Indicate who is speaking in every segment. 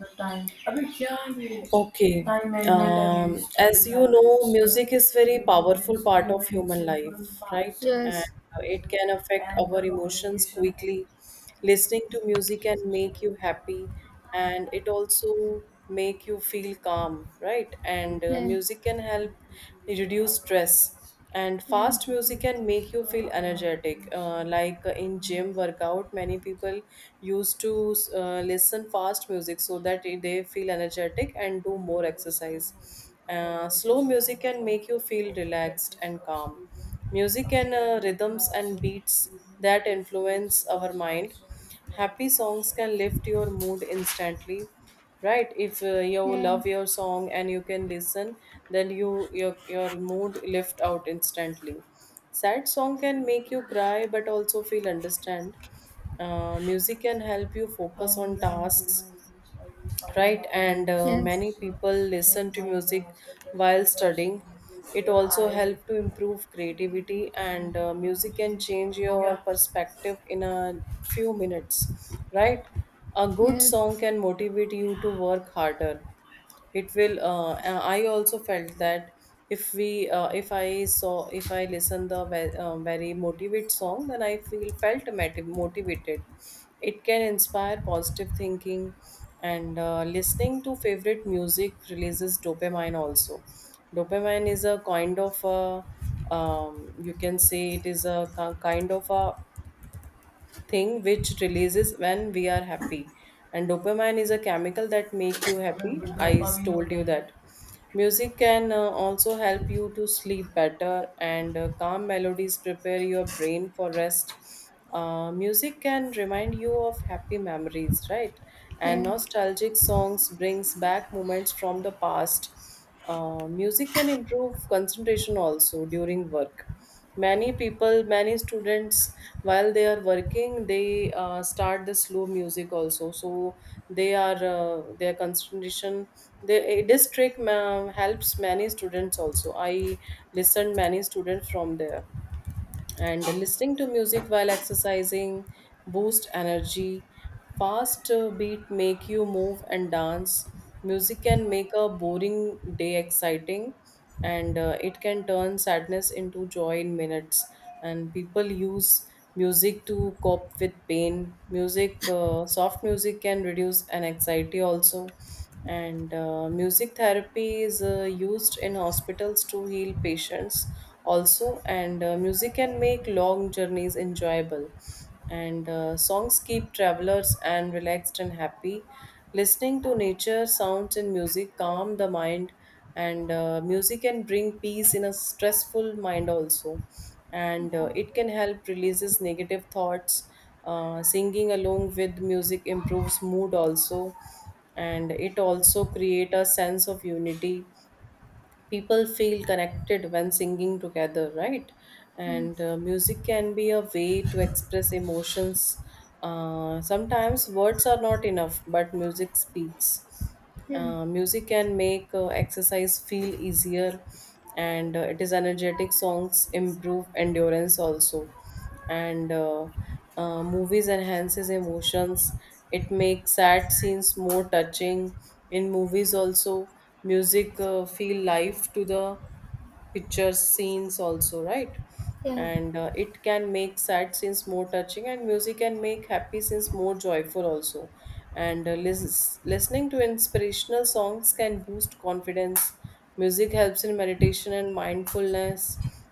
Speaker 1: The time. अभी क्या है ये? Okay. Time management. And as you know, music is very powerful part of human life, right? And
Speaker 2: Yes,
Speaker 1: it can affect our emotions quickly. Listening to music can make you happy, and it also make you feel calm, right? And
Speaker 2: yes,
Speaker 1: music can help reduce stress, and fast
Speaker 2: yes,
Speaker 1: music can make you feel energetic, like in gym workout many people used to listen fast music so that they feel energetic and do more exercise. Slow music can make you feel relaxed and calm. Music and rhythms and beats that influence our mind. Happy songs can lift your mood instantly, right? If you
Speaker 2: yeah,
Speaker 1: love your song and you can listen, then your mood lift out instantly. Sad song can make you cry but also feel understand. Music can help you focus on tasks, right? And
Speaker 2: yes, yes,
Speaker 1: many people listen to music while studying. It also helps to improve creativity, and music can change your perspective in a few minutes, right? A good song
Speaker 2: yes,
Speaker 1: can motivate you to work harder. It will I also felt that if I listen the very motivate song, then I feel felt motivated. It can inspire positive thinking, and listening to favorite music releases dopamine also. Dopamine is a kind of a you can say it is a kind of a thing which releases when we are happy. And dopamine is a chemical that make you happy. I told you that. Music can also help you to sleep better, and calm melodies prepare your brain for rest. Music can remind you of happy memories, right? And
Speaker 2: yes,
Speaker 1: nostalgic songs brings back moments from the past. Music can improve concentration also. During work, many people, many students, while they are working, they start the slow music also, so they are their concentration, this trick helps many students also. I listened many students from there. And listening to music while exercising boost energy. Fast beat make you move and dance. Music can make a boring day exciting, and it can turn sadness into joy in minutes. And people use music to cope with pain. Music Soft music can reduce an anxiety also, and music therapy is used in hospitals to heal patients also. And music can make long journeys enjoyable, and songs keep travelers and relaxed and happy. Listening to nature sounds and music calm the mind, and music can bring peace in a stressful mind also. And it can help releases negative thoughts. Singing along with music improves mood also, and it also create a sense of unity. People feel connected when singing together, right? And
Speaker 2: yes,
Speaker 1: music can be a way to express emotions. Sometimes words are not enough but music speaks. Music can make exercise feel easier, and it is energetic songs improve endurance also. And movies enhances emotions. It makes sad scenes more touching. In movies also, music feel life to the pictures scenes also, right?
Speaker 2: yes,
Speaker 1: And it can make sad scenes more touching, and music can make happy scenes more joyful also. And listening to inspirational songs can boost confidence. Music helps in meditation and mindfulness.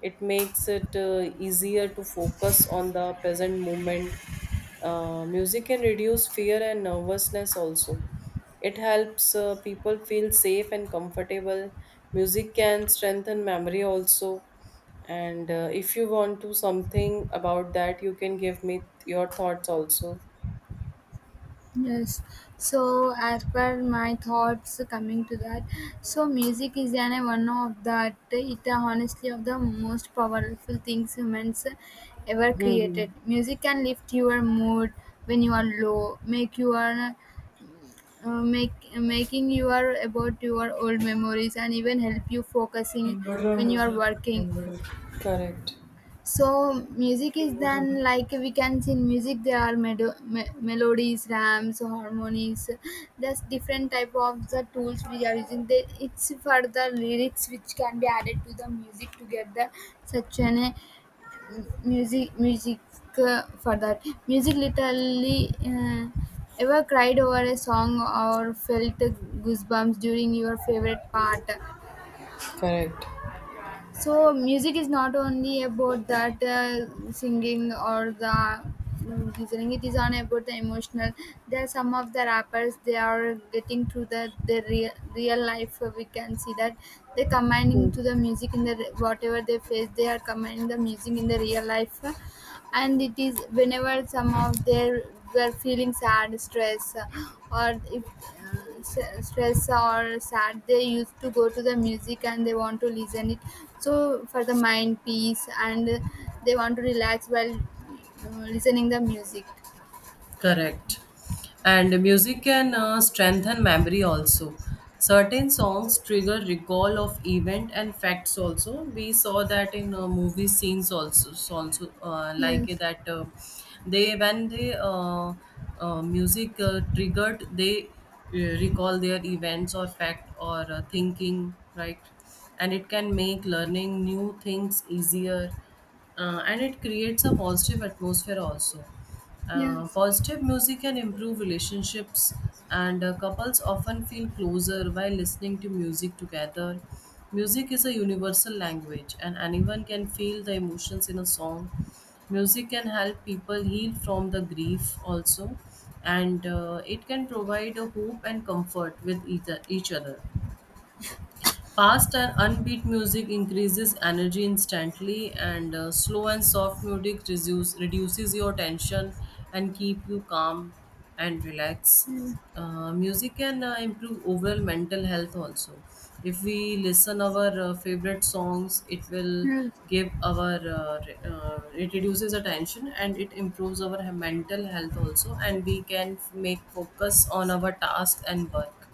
Speaker 1: It makes it easier to focus on the present moment. Music can reduce fear and nervousness also. It helps people feel safe and comfortable. Music can strengthen memory also. And if you want to something about that, you can give me your thoughts also.
Speaker 2: yes. So, as per my thoughts coming to that, so music is an one of that it honestly of the most powerful things humans ever
Speaker 1: Hmm.
Speaker 2: created. Music can lift your mood when you are low, make your make making you are about your old memories and even help you focusing
Speaker 1: Inverter
Speaker 2: when you are
Speaker 1: and
Speaker 2: working.
Speaker 1: inverter. Correct.
Speaker 2: So music is
Speaker 1: Inverter.
Speaker 2: then like we can see in music there are melodies, rams, harmonies. There's different type of the tools we are using. They, it's for the lyrics which can be added to the music to get the such an music for that music literally. Ever cried over a song or felt goosebumps during your favorite part.
Speaker 1: Correct.
Speaker 2: So music is not only about that singing or the listening it is on about the emotional. There are some of the rappers they are getting to the real, real life we can see that they combining to the music in the whatever they face they are combining the music in the real life. And it is whenever some of their were feeling sad stress or if stress or sad they used to go to the music and they want to listen it. So for the mind peace and they want to relax while uh, listening the music.
Speaker 1: Correct. And music can strengthen memory also. Certain songs trigger recall of event and facts also. We saw that in movie scenes also, so also like
Speaker 2: Yes,
Speaker 1: that, they when they music triggered they recall their events or fact or thinking, right? And it can make learning new things easier, and it creates a positive atmosphere also.
Speaker 2: yes,
Speaker 1: Positive music can improve relationships, and couples often feel closer while listening to music together. Music is a universal language, and anyone can feel the emotions in a song. Music can help people heal from the grief also, and it can provide a hope and comfort with either, each other. Fast and unbeat music increases energy instantly, and slow and soft music reduces your tension and keep you calm and relaxed. Music can improve overall mental health also. If we listen our favorite songs, it will
Speaker 2: yes,
Speaker 1: give our it reduces the tension, and it improves our mental health also, and we can make focus on our task and work.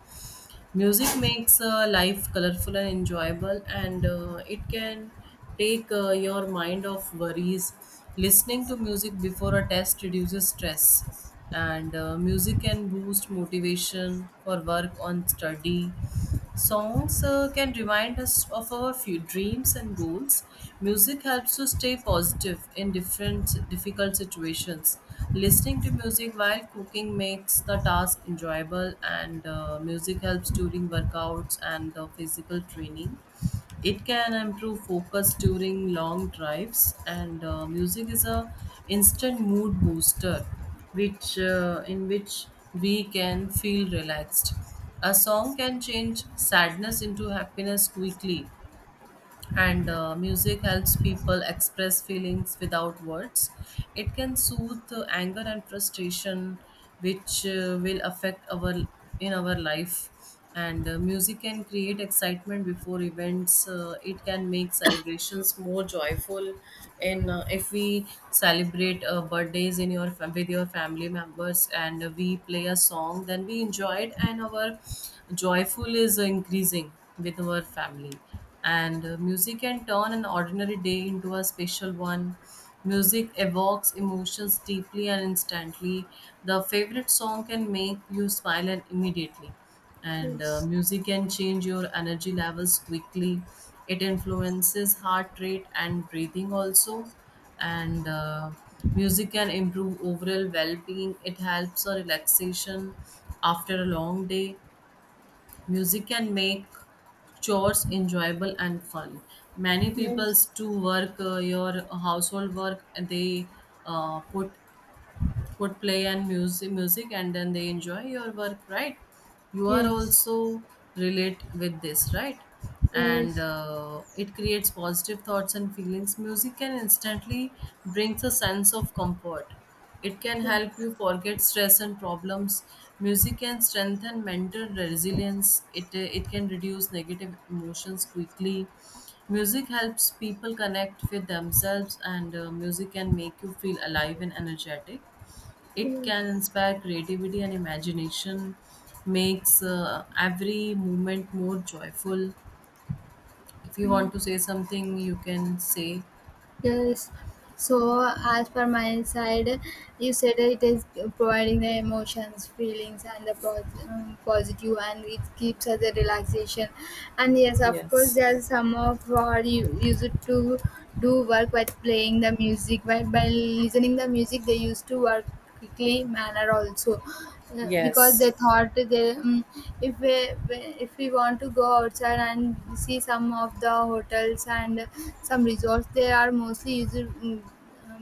Speaker 1: Music makes life colorful and enjoyable, and it can take your mind off worries. Listening to music before a test reduces stress, and music can boost motivation for work on study. Songs can remind us of our few dreams and goals. Music helps to stay positive in different difficult situations. Listening to music while cooking makes the task enjoyable, and music helps during workouts and the physical training. It can improve focus during long drives, and music is a instant mood booster, which in which we can feel relaxed. A song can change sadness into happiness quickly, and music helps people express feelings without words. It can soothe anger and frustration, which will affect our in our life. And music can create excitement before events. It can make celebrations more joyful. In If we celebrate birthdays with your family members and we play a song, then we enjoy it and our joyful is increasing with our family. And music can turn an ordinary day into a special one. Music evokes emotions deeply and instantly. The favorite song can make you smile and immediately, and
Speaker 2: yes,
Speaker 1: music can change your energy levels quickly. It influences heart rate and breathing also. And music can improve overall well-being. It helps a relaxation after a long day. Music can make chores enjoyable and fun. Many people's to work your household work, and they put would play and music, and then they enjoy your work, right? You are
Speaker 2: yes.
Speaker 1: also relate with this, right? And it creates positive thoughts and feelings. Music can instantly brings a sense of comfort. It can help you forget stress and problems. Music can strengthen mental resilience. It can reduce negative emotions quickly. Music helps people connect with themselves, and music can make you feel alive and energetic. It can
Speaker 2: Yes,
Speaker 1: inspire creativity and imagination, makes every moment more joyful. If you want
Speaker 2: yes.
Speaker 1: to say something, you can say.
Speaker 2: Yes. So, as per my side, you said it is providing the emotions, feelings, and the positive, and it keeps us a relaxation. And yes, of course,
Speaker 1: Yes.
Speaker 2: there is some of our you use it to do work by playing the music. By listening the music, they used to work quickly manner also because
Speaker 1: Yes.
Speaker 2: they thought they if we if we want to go outside and see some of the hotels and some resorts they are mostly used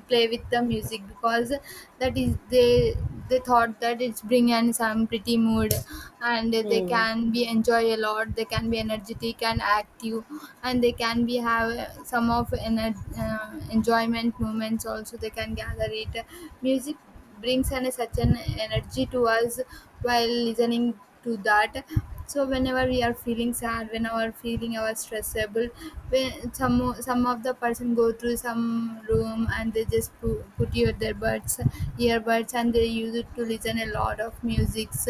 Speaker 2: play with the music because that is they thought that it's bring in some pretty mood, and they
Speaker 1: Hmm.
Speaker 2: can be enjoy a lot they can be energetic and active, and they can be have some of enjoyment moments also they can gather it. Music brings an such an energy to us while listening to that. So whenever we are feeling sad, whenever feeling our stressable, when some of the person go through some room and they just put your their buds earbuds and they use it to listen a lot of musics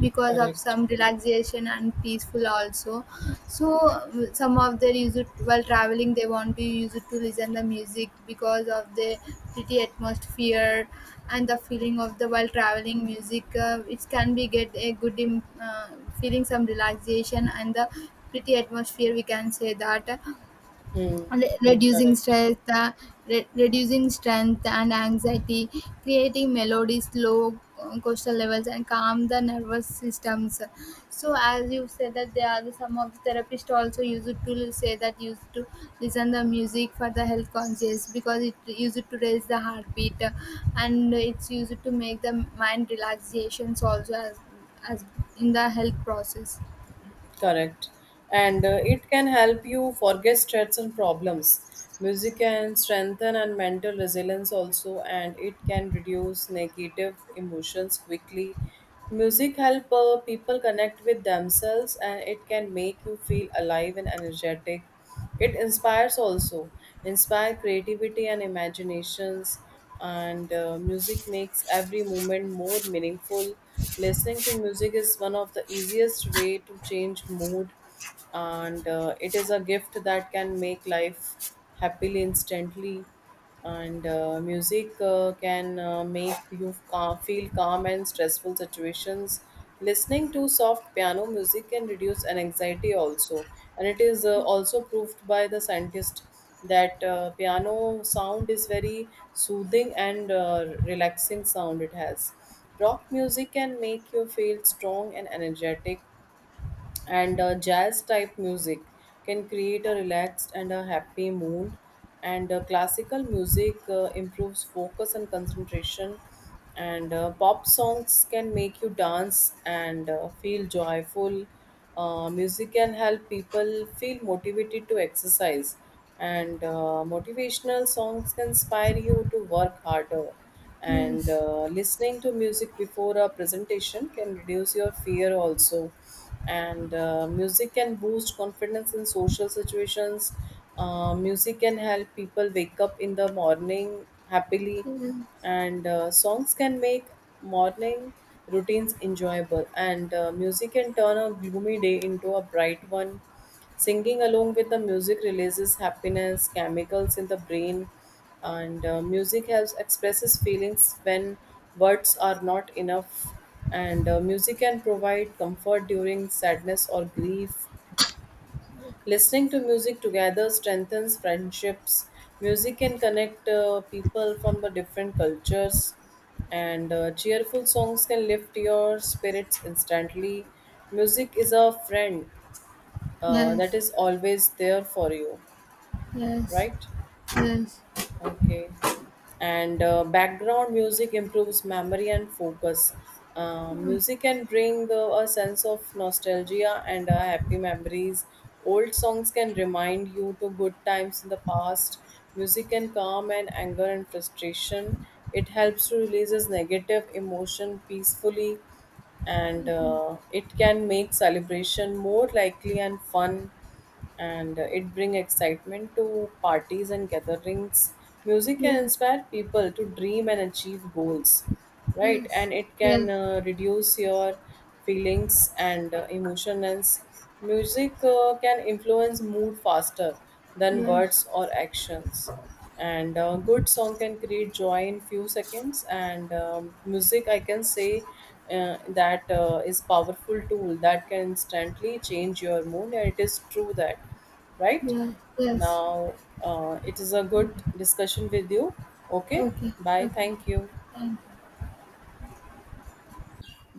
Speaker 2: because of
Speaker 1: Correct.
Speaker 2: some relaxation and peaceful also. So some of their use it while traveling they want to use it to listen the music because of the pretty atmosphere and the feeling of the while traveling music it can be get a good feeling some relaxation and the pretty atmosphere we can say that.
Speaker 1: Hmm.
Speaker 2: Reducing
Speaker 1: Correct.
Speaker 2: stress, reducing strength and anxiety, creating melodies, low coastal levels, and calm the nervous systems. So, as you said that there are some of the therapists also use it to say that used to listen the music for the health conscious because it used to raise the heartbeat and it's used to make the mind relaxations also as in the health process.
Speaker 1: Correct. And it can help you forget stress and problems. Music can strengthen and mental resilience also, and it can reduce negative emotions quickly. Music help people connect with themselves, and it can make you feel alive and energetic. It inspires also, inspire creativity and imaginations, and music makes every moment more meaningful. Listening to music is one of the easiest way to change mood, and it is a gift that can make life happily instantly. And music can make you calm, feel calm in stressful situations. Listening to soft piano music can reduce an anxiety also, and it is also proved by the scientist that piano sound is very soothing and relaxing sound it has. Rock music can make you feel strong and energetic, and jazz type music can create a relaxed and a happy mood. And classical music improves focus and concentration, and pop songs can make you dance and feel joyful. Music can help people feel motivated to exercise, and motivational songs can inspire you to work harder. And
Speaker 2: Yes.
Speaker 1: listening to music before a presentation can reduce your fear also, and music can boost confidence in social situations. Music can help people wake up in the morning happily,
Speaker 2: Yes.
Speaker 1: and songs can make morning routines enjoyable. And music can turn a gloomy day into a bright one. Singing along with the music releases happiness, chemicals in the brain, and music helps expresses feelings when words are not enough. And music can provide comfort during sadness or grief. Listening to music together strengthens friendships. Music can connect people from the different cultures, and cheerful songs can lift your spirits instantly. Music is a friend that
Speaker 2: Yes.
Speaker 1: is always there for you,
Speaker 2: Yes.
Speaker 1: right?
Speaker 2: Yes.
Speaker 1: Okay. And background music improves memory and focus. Music can bring a sense of nostalgia and happy memories. Old songs can remind you to good times in the past. Music can calm and anger and frustration. It helps to releases negative emotion peacefully, and it can make celebration more likely and fun. And it bring excitement to parties and gatherings. Music can
Speaker 2: Yes,
Speaker 1: inspire people to dream and achieve goals, right?
Speaker 2: yes,
Speaker 1: And it can
Speaker 2: yes,
Speaker 1: reduce your feelings and emotions. Music can influence mood faster than
Speaker 2: yes,
Speaker 1: words or actions, and a good song can create joy in few seconds. And music I can say that is powerful tool that can instantly change your mood, and it is true that, right?
Speaker 2: yes, yes.
Speaker 1: Now, it is a good discussion with you. Okay.
Speaker 2: Okay,
Speaker 1: Bye,
Speaker 2: okay.
Speaker 1: thank you.
Speaker 2: Thank